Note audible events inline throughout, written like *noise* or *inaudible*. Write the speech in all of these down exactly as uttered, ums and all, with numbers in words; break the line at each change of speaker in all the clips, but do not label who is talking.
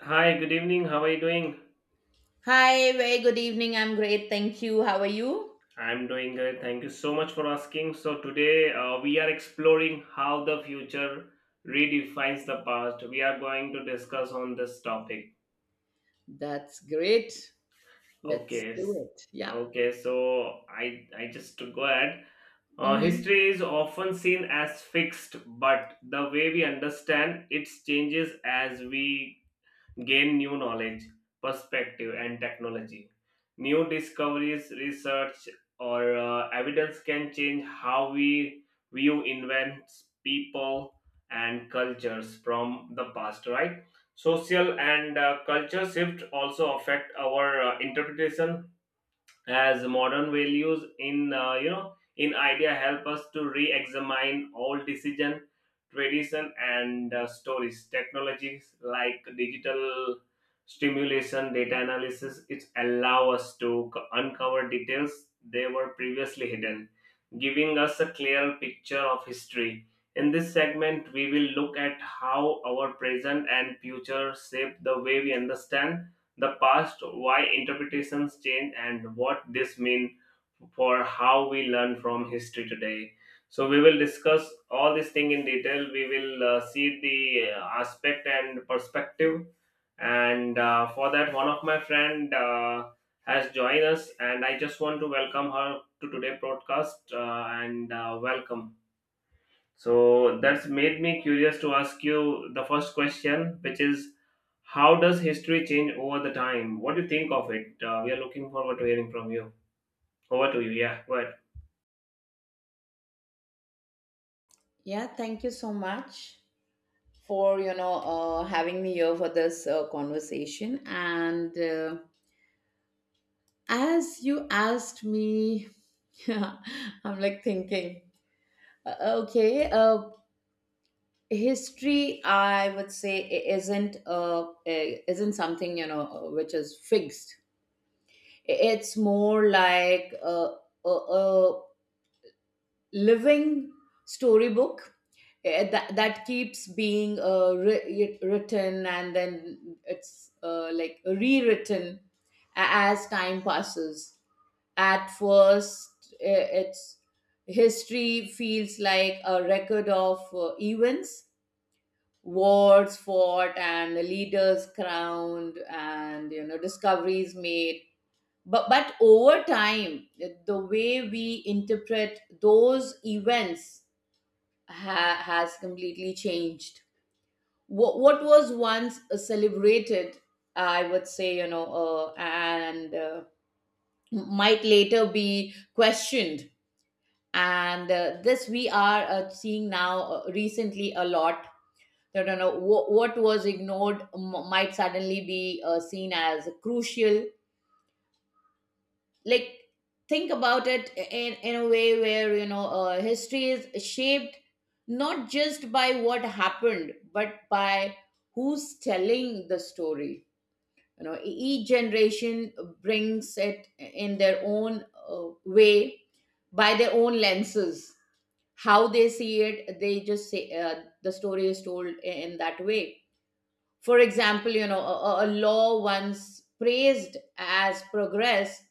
Hi, good evening. How are you doing?
Hi, very good evening. I'm great. Thank you. How are you?
I'm doing good. Thank you so much for asking. So, today uh, we are exploring how the future redefines the past. We are going to discuss on this topic.
That's great. Let's
Okay.
do
s-
it. Yeah.
Okay, so I I just to go ahead. Uh,
Mm-hmm.
history is often seen as fixed, but the way we understand it changes as we gain new knowledge, perspective, and technology. New discoveries, research, or uh, evidence can change how we view events, people, and cultures from the past, right? Social and uh, culture shift also affect our uh, interpretation as modern values in uh, you know in idea help us to re-examine all decision tradition and uh, stories technologies like digital stimulation data analysis it allow us to co- uncover details they were previously hidden, giving us a clear picture of history. In this segment we will look at how our present and future shape the way we understand the past, why interpretations change, and what this means for how we learn from history today. So we will discuss all this thing in detail. We will uh, see the uh, aspect and perspective. And uh, for that, one of my friend uh, has joined us, and I just want to welcome her to today broadcast uh, and uh, welcome. So that's made me curious to ask you the first question, which is, how does history change over the time? What do you think of it? Uh, we are looking forward to hearing from you. Over to you. Yeah, go ahead.
Yeah, thank you so much for, you know, uh, having me here for this uh, conversation. And uh, As you asked me, *laughs* I'm like thinking, uh, okay, uh, history, I would say, i- isn't uh, uh, isn't something, you know, uh, which is fixed. It's more like a, a, a living storybook, eh, that, that keeps being uh, wri- written, and then it's uh, like rewritten a- as time passes. At first, eh, it's history feels like a record of uh, events, wars fought and leaders crowned and you know discoveries made. But but over time, the way we interpret those events ha- has completely changed. What what was once uh, celebrated, I would say, you know uh, and uh, might later be questioned. And uh, this, we are uh, seeing now, uh, recently, a lot. That you know what, what was ignored m- might suddenly be uh, seen as crucial. Like think about it in in a way where you know uh, history is shaped not just by what happened, but by who's telling the story. You know e- each generation brings it in their own uh, way, by their own lenses, how they see it. They just say, uh, the story is told in that way. For example, you know a, a a law once praised as progress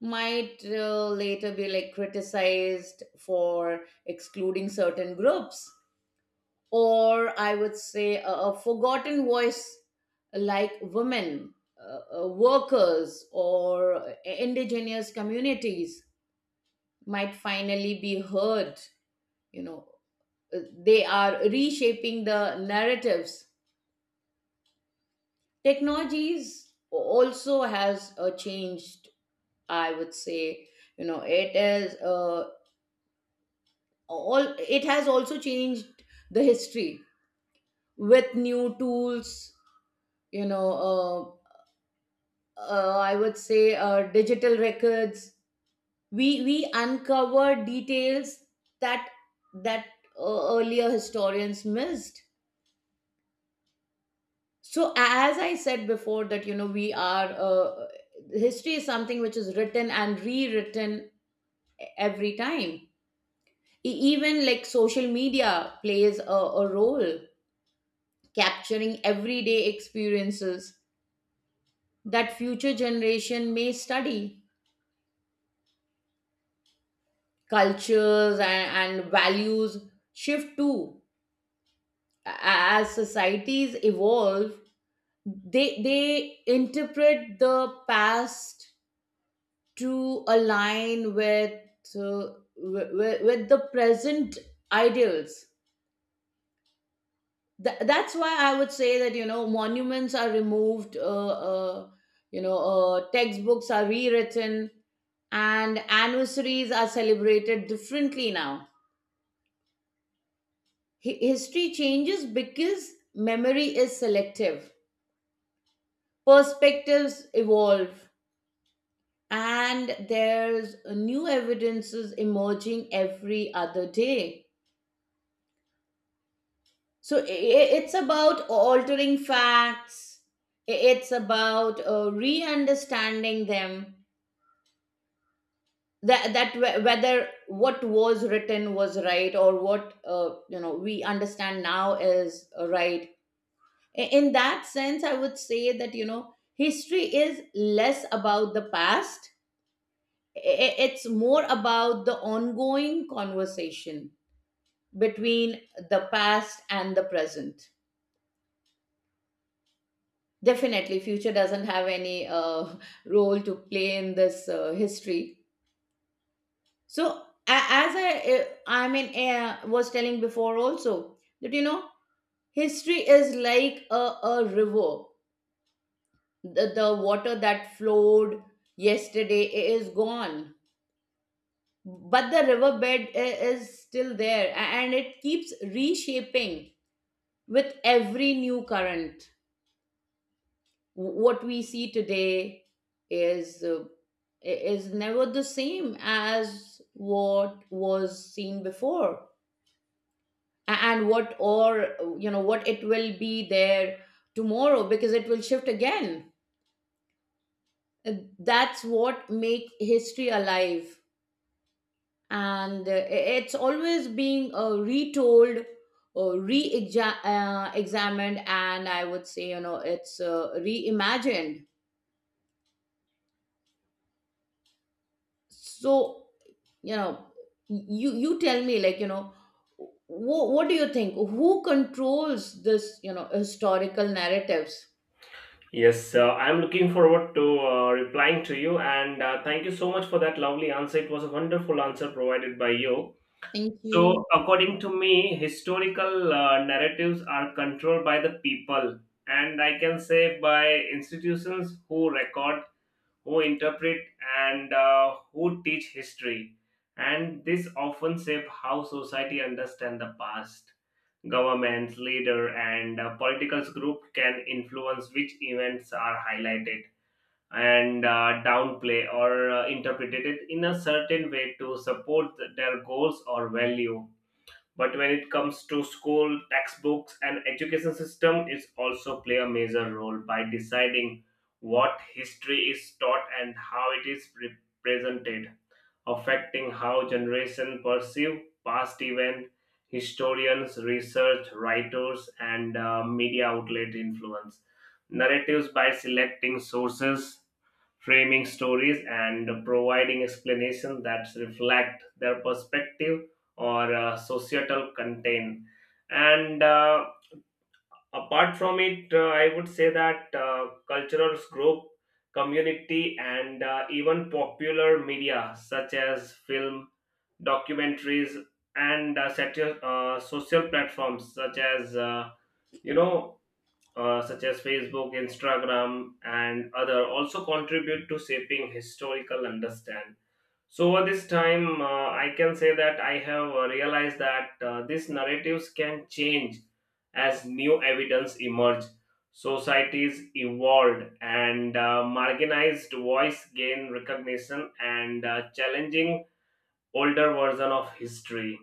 might uh, later be like criticized for excluding certain groups. Or I would say a, a forgotten voice, like women, uh, uh, workers, or indigenous communities, might finally be heard. you know Uh, they are reshaping the narratives. Technologies also has uh, changed, I would say. You know it is uh, all, it has also changed the history, with new tools. you know uh, uh, I would say, uh, digital records, we we uncover details that that uh, earlier historians missed. So, as I said before, that you know we are uh, history is something which is written and rewritten every time. E- even like social media plays a, a role, capturing everyday experiences that future generation may study. Cultures and, and values shift too. A- as societies evolve, they they interpret the past to align with, uh, with, with the present ideals. Th- that's why I would say that you know monuments are removed, uh, uh, you know uh, textbooks are rewritten, and anniversaries are celebrated differently now. Hi- history changes because memory is selective, perspectives evolve, and there's new evidences emerging every other day. So i- i- it's about altering facts. I- it's about uh, re-understanding them, that, that wh- whether what was written was right, or what uh, you know we understand now is uh, right. I- in that sense, I would say that you know history is less about the past. I- it's more about the ongoing conversation between the past and the present. Definitely future doesn't have any uh, *laughs* role to play in this uh, history. So, a- as I, uh, I mean, uh, was telling before also, that you know history is like a, a river. The, the water that flowed yesterday i- is gone, but the riverbed i- is still there, a- and it keeps reshaping with every new current. W- what we see today is uh, i- is never the same as what was seen before. A- and what, or you know what it will be there tomorrow, because it will shift again. Uh, that's what make history alive, and uh, it's always being uh, retold or re-examined, and I would say you know it's uh, reimagined. So, you know you you tell me, like, you know wh- what do you think, who controls this you know historical narratives?
Yes, uh, I'm looking forward to uh, replying to you, and uh, thank you so much for that lovely answer. It was a wonderful answer provided by you.
Thank you.
So, according to me, historical uh, narratives are controlled by the people, and I can say by institutions who record, who interpret, and uh, who teach history, and this often shape how society understand the past. Governments, leader, and uh, political group can influence which events are highlighted and uh, downplay or uh, interpreted in a certain way to support their goals or value. But when it comes to school textbooks and education system, it also play a major role by deciding what history is taught and how it is represented, affecting how generation perceive past event. Historians, research writers, and uh, media outlet influence narratives by selecting sources, framing stories, and providing explanations that reflect their perspective or uh, societal content. And uh, apart from it, uh, I would say that uh, cultural group, community, and uh, even popular media such as film, documentaries, and uh, satir- uh, social platforms such as uh, you know uh, such as Facebook, Instagram, and other, also contribute to shaping historical understand. So over this time, uh, I can say that I have uh, realized that uh, these narratives can change as new evidence emerge. Societies evolved, and uh, marginalized voice gain recognition and uh, challenging older version of history,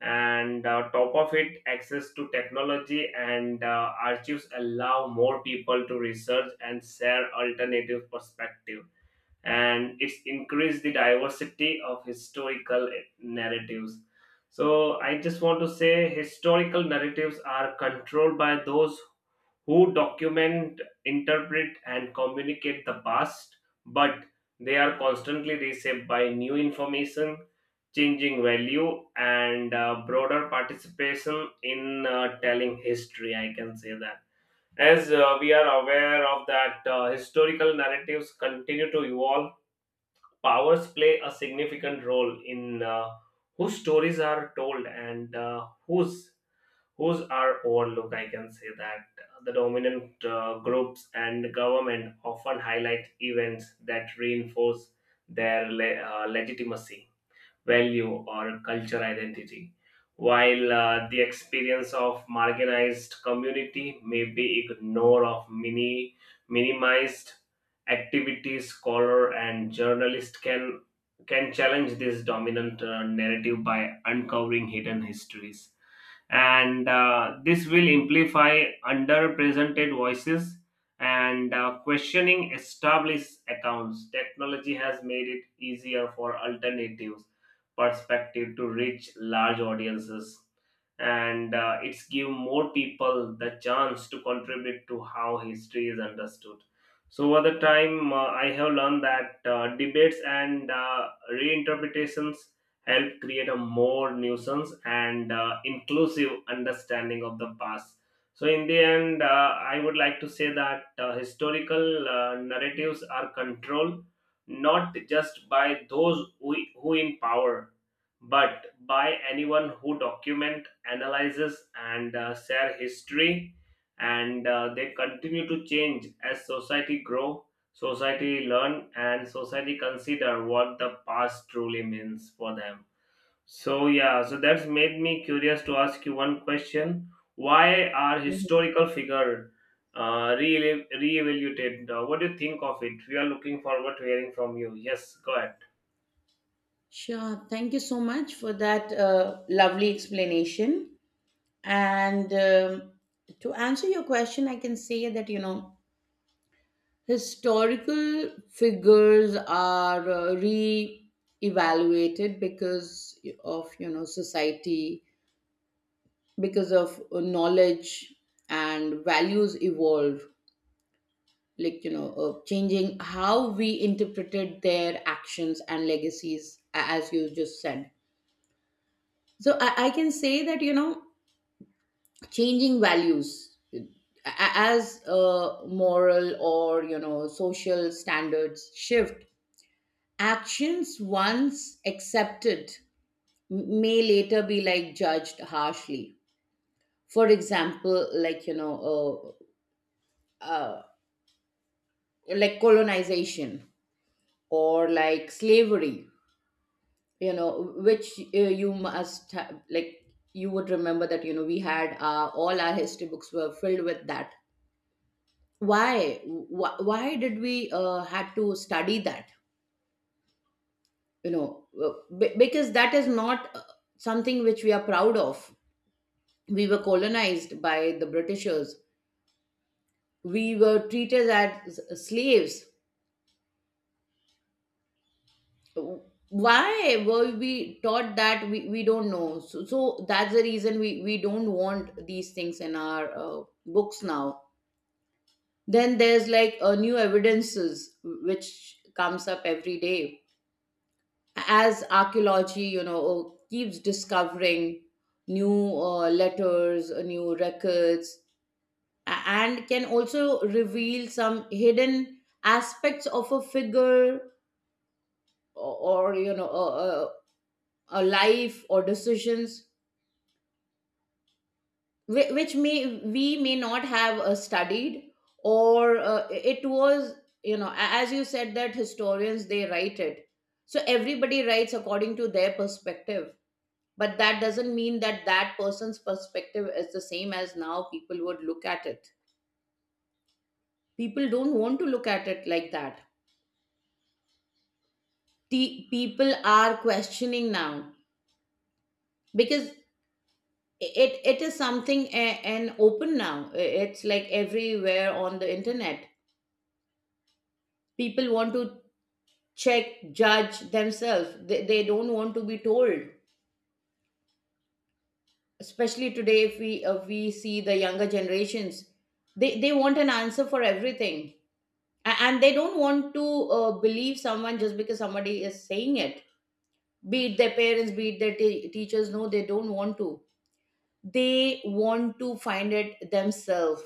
and uh, top of it, access to technology and uh, archives allow more people to research and share alternative perspective, and it's increased the diversity of historical narratives. So I just want to say historical narratives are controlled by those who document, interpret, and communicate the past, but they are constantly reshaped by new information, changing value, and uh, broader participation in uh, telling history. I can say that. As uh, we are aware of that, uh, historical narratives continue to evolve. Powers play a significant role in uh, whose stories are told and uh, whose whose are overlooked? I can say that the dominant uh, groups and government often highlight events that reinforce their le- uh, legitimacy, value, or cultural identity, while uh, the experience of marginalized community may be ignored of mini minimized. Activities scholar and journalist can can challenge this dominant uh, narrative by uncovering hidden histories, and uh, this will amplify underrepresented voices and uh, questioning established accounts. Technology has made it easier for alternatives perspective to reach large audiences, and uh, it's give more people the chance to contribute to how history is understood. So over the time, uh, I have learned that uh, debates and uh, reinterpretations help create a more nuisance and uh, inclusive understanding of the past. So, in the end, uh, I would like to say that uh, historical uh, narratives are controlled not just by those who, who in power, but by anyone who document, analyzes, and uh, share history, and uh, they continue to change as society grow, society learn, and society consider what the past truly means for them. So yeah, so that's made me curious to ask you one question: Why are
Mhm.
historical figure uh, re reevaluated? Uh, what do you think of it? We are looking forward to hearing from you. Yes, go ahead.
Sure. Thank you so much for that uh, lovely explanation. And, um, to answer your question, I can say that, you know, historical figures are uh, re-evaluated because of you know society, because of uh, knowledge and values evolve, like you know uh, changing how we interpreted their actions and legacies, a- as you just said. So, i, I can say that, you know changing values, uh, a- as uh, moral or you know social standards shift. Actions once accepted may later be like judged harshly. For example, like, you know, uh, uh, like colonization or like slavery, you know, which, uh, you must have, like, you would remember that, you know, we had uh, all our history books were filled with that. Why? Wh- Why did we uh, had to study that? You know, uh, be- because that is not uh, something which we are proud of. We were colonized by the britishers. We were treated as slaves. Why were we taught that? We, we don't know. So, so that's the reason we, we don't want these things in our uh, books now. Then there's, like, uh, new evidences which comes up every day. As archaeology, you know keeps discovering new uh, letters, uh, new records, a- and can also reveal some hidden aspects of a figure, or, or, you know a, a, a life or decisions, whi- which, may we may not have uh, studied. Or, uh, it was, you know a- as you said, that historians, they write it. So everybody writes according to their perspective, but that doesn't mean that that person's perspective is the same as now people would look at it. People don't want to look at it like that. The people are questioning now, because it it is something a- and open now. It's like everywhere on the internet. People want to check, judge themselves. They, they don't want to be told, especially today, if we uh, we see the younger generations. They they want an answer for everything. A- and they don't want to uh, believe someone, just because somebody is saying it, be it their parents, be it their t- teachers. No, they don't want to. They want to find it themselves,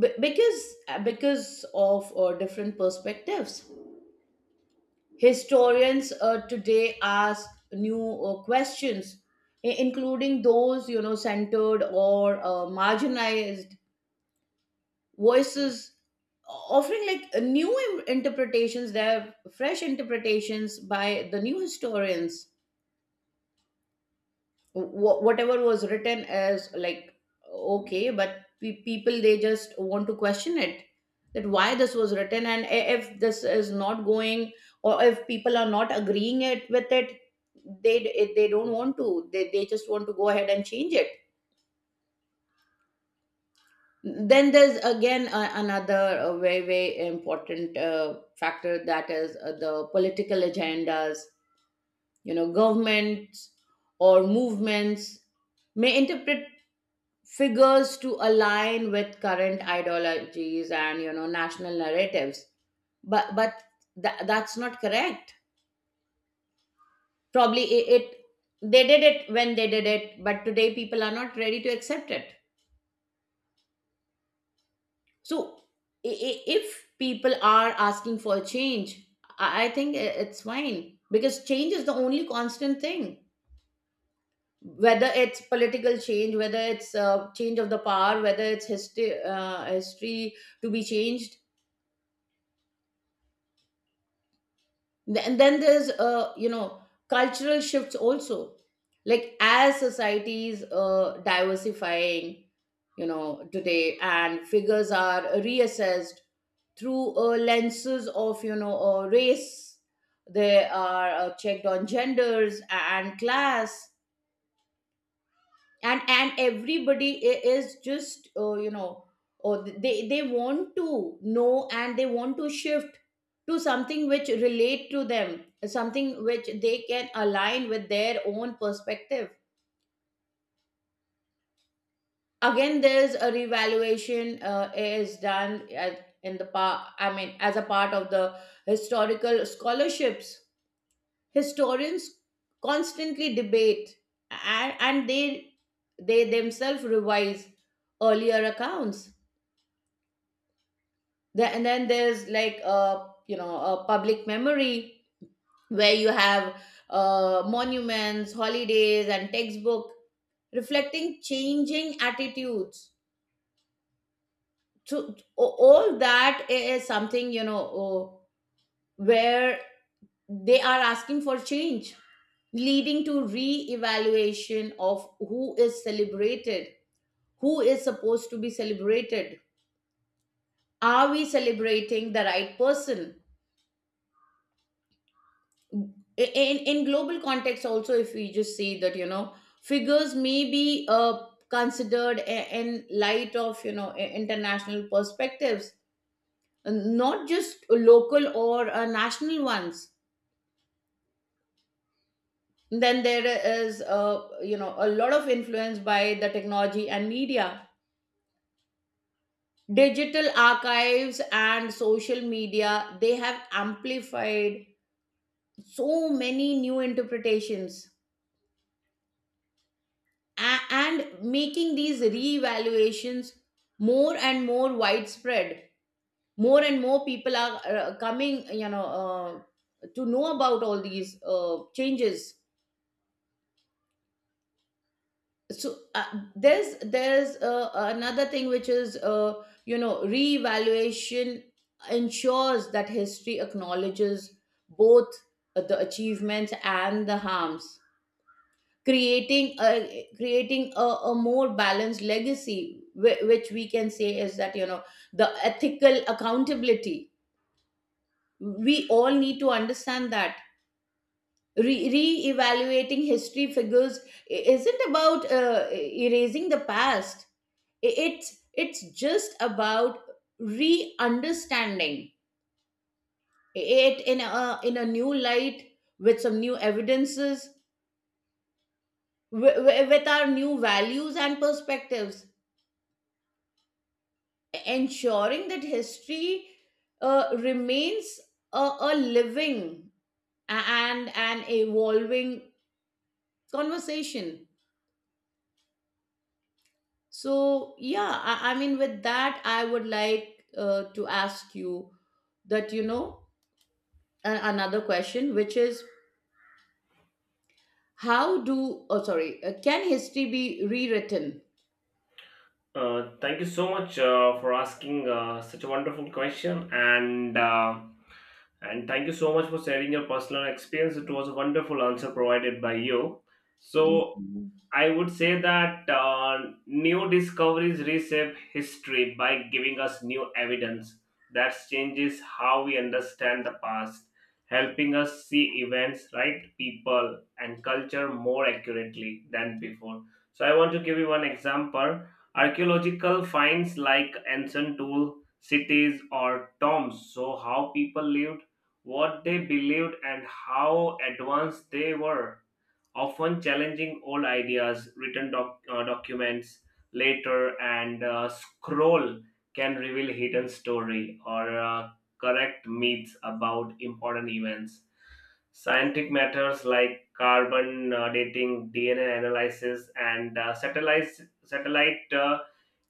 b- because because of uh, different perspectives. Historians uh, today ask new uh, questions, i- including those you know centered or uh, marginalized voices, offering, like, uh, new im- interpretations, their fresh interpretations by the new historians. Wh- whatever was written as, like, okay, but pe- people, they just want to question it, that why this was written. And i- if this is not going, or if people are not agreeing it with it, they d- they don't want to, they, they just want to go ahead and change it. Then there's again, uh, another, uh, very very important uh, factor, that is uh, the political agendas. you know governments or movements may interpret figures to align with current ideologies, and you know national narratives. But but tha- that's not correct. Probably it, it they did it when they did it, but today people are not ready to accept it. So, i- i- if people are asking for a change, i I think i- it's fine. Because change is the only constant thing, whether it's political change, whether it's uh, change of the power, whether it's history uh, history to be changed. Th- and then there's, uh you know cultural shifts also. Like, as societies uh diversifying, you know today, and figures are reassessed through uh, lenses of, you know uh, race. They are uh, checked on genders and class, and and everybody i- is just, uh, you know or they they want to know, and they want to shift to something which relate to them, something which they can align with their own perspective. Again, there's a revaluation, uh, is done at, in the pa- I mean, as a part of the historical scholarships. Historians constantly debate, and, and they they themselves revise earlier accounts. The- and then there's, like, a you know a public memory, where you have uh, monuments, holidays, and textbook reflecting changing attitudes. So o- all that is something, you know oh, where they are asking for change, leading to re-evaluation of who is celebrated, who is supposed to be celebrated, are we celebrating the right person. In in global context also, if we just see that, you know figures may be uh, considered i- in light of, you know i- international perspectives, not just local or uh, national ones. Then there is, uh, you know a lot of influence by the technology and media. Digital archives and social media, they have amplified so many new interpretations, a- and making these reevaluations more and more widespread. More and more people are uh, coming, you know uh, to know about all these uh, changes. So, uh, there's there's uh, another thing, which is, uh, you know reevaluation ensures that history acknowledges both the achievements and the harms, creating a creating a, a more balanced legacy, whi- which we can say is that, you know the ethical accountability. We all need to understand that. Re- re-evaluating history figures i- isn't about uh, erasing the past. I- it's it's just about re-understanding it in a in a new light with some new evidences wi- wi- with our new values and perspectives, ensuring that history uh, remains a, a living and an evolving conversation. So, yeah, I, I mean, with that, I would like uh, to ask you that, you know, a- another question, which is how do, oh, sorry, uh, can history be rewritten?
Uh, thank you so much uh, for asking uh, such a wonderful question, and uh, and thank you so much for sharing your personal experience. It was a wonderful answer provided by you.
Thank
So
you.
I would say that uh, new discoveries reshape history by giving us new evidence that changes how we understand the past, helping us see events, right, people, and culture more accurately than before. So, I want to give you one example. Archaeological finds like ancient tool cities or tombs show how people lived, what they believed, and how advanced they were, often challenging old ideas. Written doc- uh, documents later, and uh, scroll can reveal hidden story or uh, correct myths about important events. Scientific matters like carbon uh, dating, D N A analysis, and uh, satellite satellite uh,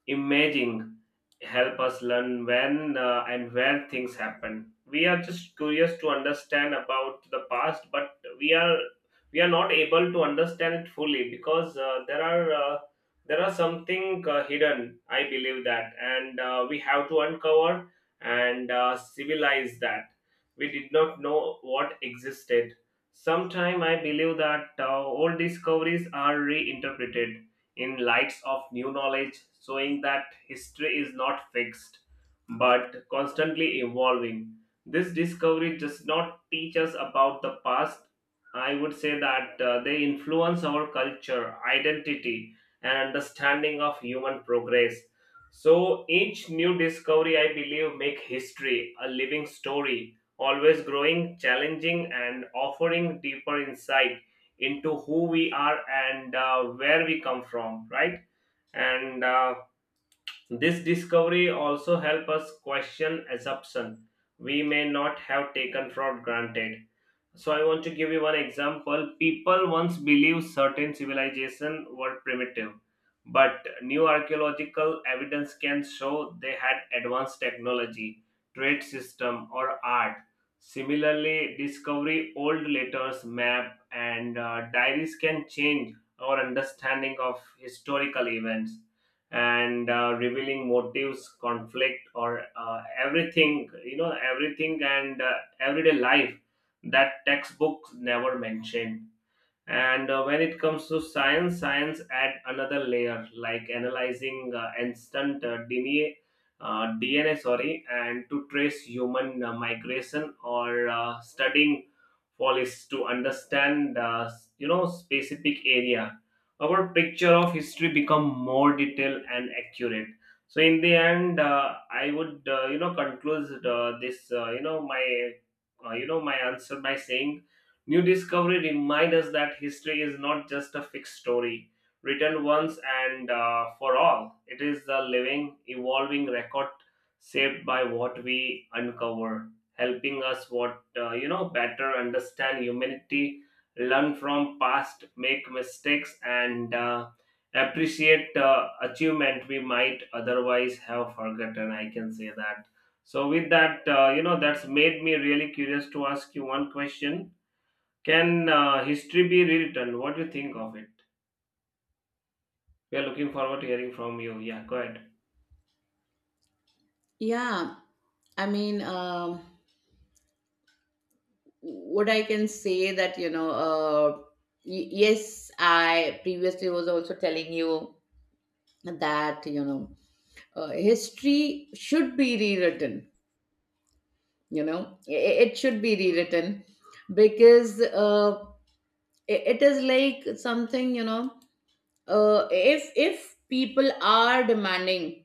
imaging help us learn when uh, and where things happen. We are just curious to understand about the past, but we are we are not able to understand it fully, because uh, there are uh, there are something uh, hidden, I believe that, and uh, we have to uncover and uh, civilize that. We did not know what existed. Sometime I believe that uh, old discoveries are reinterpreted in lights of new knowledge, showing that history is not fixed but constantly evolving. This discovery does not teach us about the past. I would say that uh, they influence our culture, identity, and understanding of human progress. So each new discovery, I believe, make history a living story, always growing, challenging, and offering deeper insight into who we are and uh, where we come from, right? And uh, this discovery also help us question assumption we may not have taken for granted. So I want to give you one example. People once believed certain civilizations were primitive, but new archaeological evidence can show they had advanced technology, trade system, or art. Similarly, discovery old letters, map, and uh, diaries can change our understanding of historical events and uh, revealing motives, conflict, or uh, everything. You know, everything, and uh, everyday life that textbooks never mention. And uh, when it comes to science, science add another layer, like analyzing uh, instant uh, DNA, uh, D N A, sorry, and to trace human uh, migration or uh, studying fossils to understand, uh, s- you know, specific area. Our picture of history become more detailed and accurate. So in the end, uh, I would, uh, you know, conclude uh, this, uh, you know, my, uh, you know, my answer by saying, new discovery reminds us that history is not just a fixed story, written once and uh, for all. It is a living, evolving record shaped by what we uncover, helping us what uh, you know better understand humanity, learn from past, make mistakes, and uh, appreciate uh, achievement we might otherwise have forgotten. I can say that. So with that, uh, you know, that's made me really curious to ask you one question: Can uh, history be rewritten? What do you think of it? We are looking forward to hearing from you. Yeah, go ahead.
Yeah, I mean, um, what I can say that you know, uh, y- yes, I previously was also telling you that you know, uh, history should be rewritten. You know, I- it should be rewritten because uh, i- it is like something you know. Uh, if if people are demanding,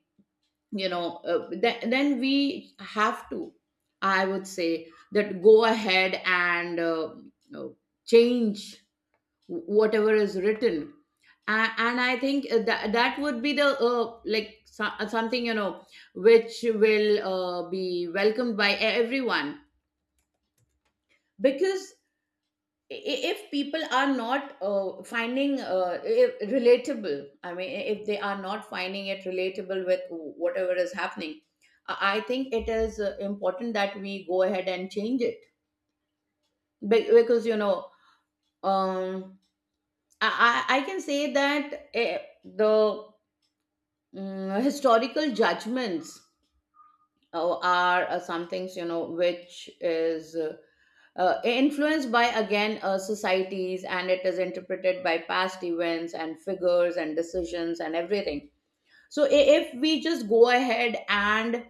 you know, uh, th- then we have to. I would say that go ahead and uh, you know, change whatever is written, and and i think that that would be the uh, like so, uh, something you know which will uh, be welcomed by everyone, because i- if people are not uh, finding uh, i- relatable, I mean if they are not finding it relatable with whatever is happening, i I think it is uh, important that we go ahead and change it. Be- because you know, um, I, I I can say that, eh, the Mm, historical judgments uh, are uh, some things you know which is uh, uh, influenced by, again, uh, societies, and it is interpreted by past events and figures and decisions and everything. So i- if we just go ahead and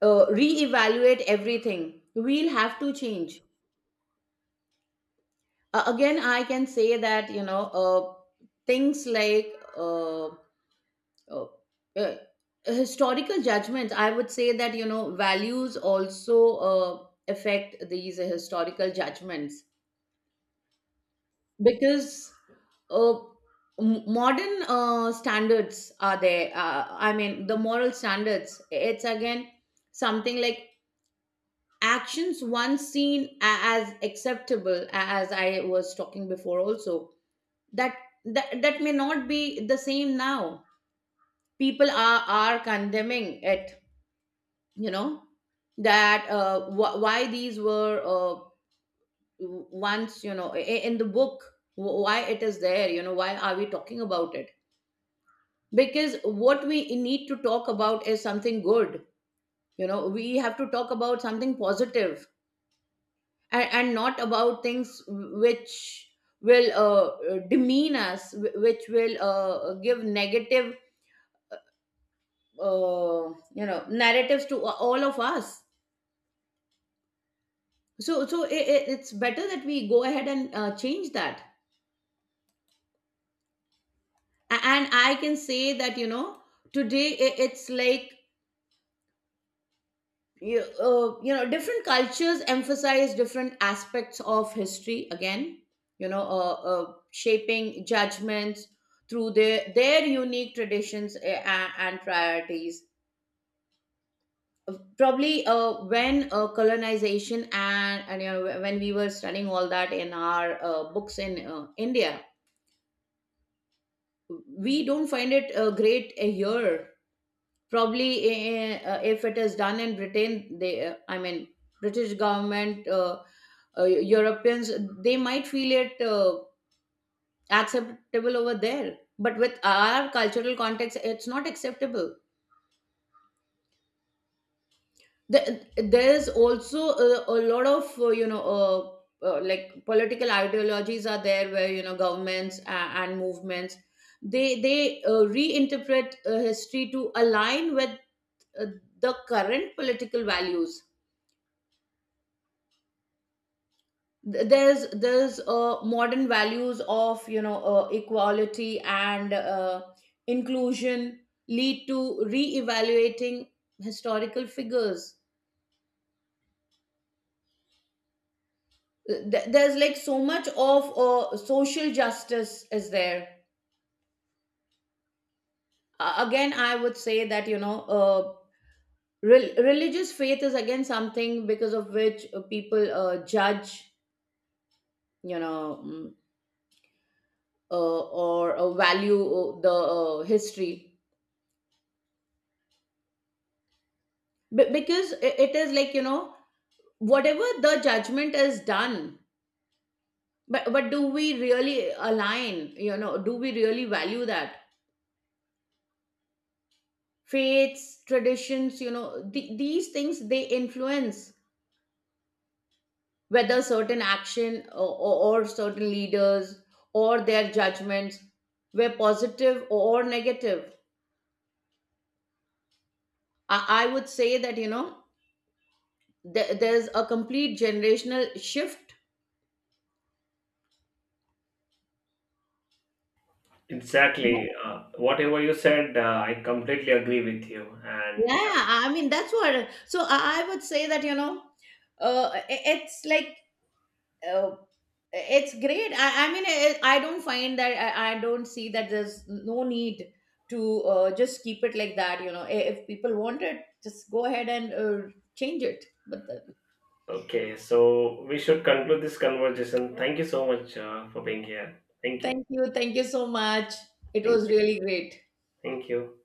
uh, reevaluate everything, we'll have to change. Uh, again, I can say that you know, uh, things like uh, Oh, uh, uh, historical judgments. I would say that you know values also uh, affect these historical judgments, because uh, m- modern uh, standards are there, uh, I mean the moral standards. It's again something like actions once seen a- as acceptable, a- as I was talking before also, that that, that may not be the same now. People are are condemning it, you know, that uh, wh- why these were uh, w- once, you know, i- in the book, wh- why it is there, you know, why are we talking about it? Because what we need to talk about is something good. You know, we have to talk about something positive, and, and not about things which will uh, demean us, wh- which will uh, give negative uh, you know, narratives to all of us. So so it, it, it's better that we go ahead and uh, change that. A- and I can say that you know, today, I it's like, you, uh, you know, different cultures emphasize different aspects of history, again, you know, uh, uh, shaping judgments through their their unique traditions and, and priorities. Uh, Probably uh, when uh, colonization and, and you know, when we were studying all that in our uh, books in uh, India, we don't find it uh, great uh, here. Probably uh, uh, if it is done in Britain, they uh, I mean British government, uh, uh, Europeans, they might feel it uh, acceptable over there, but with our cultural context, it's not acceptable. The- there is also a, a lot of uh, you know, uh, uh, like, political ideologies are there where, you know, governments and, and movements, they they uh, reinterpret uh, history to align with uh, the current political values. Th- there's there's uh, modern values of, you know, uh, equality and uh, inclusion lead to re-evaluating historical figures. Uh, Th- there's like so much of uh, social justice is there. Uh, again, I would say that you know, uh, rel- religious faith is again something because of which uh, people uh, judge, you know, mm, uh, or uh, value uh, the uh, history. Be- because i- it is like, you know, whatever the judgment is done, but but do we really align, you know, do we really value that? Faiths, traditions, you know, the these things, they influence whether certain action, or, or or certain leaders or their judgments were positive or negative. i, I would say that you know, there, there's a complete generational shift.
Exactly. Uh, whatever you said, uh, I completely agree with you. And
Yeah, I mean, that's what. So I I would say that you know, uh, i- it's like, uh, it's great. I, I mean, I, I don't find that, I, I don't see that. There's no need to uh, just keep it like that. You know, I- if people want it, just go ahead and uh, change it. But then,
uh, okay, so we should conclude this conversation. Thank you so much uh, for being here. Thank you.
thank you, thank you so much. It
Thank
was
you.
really great.
Thank you.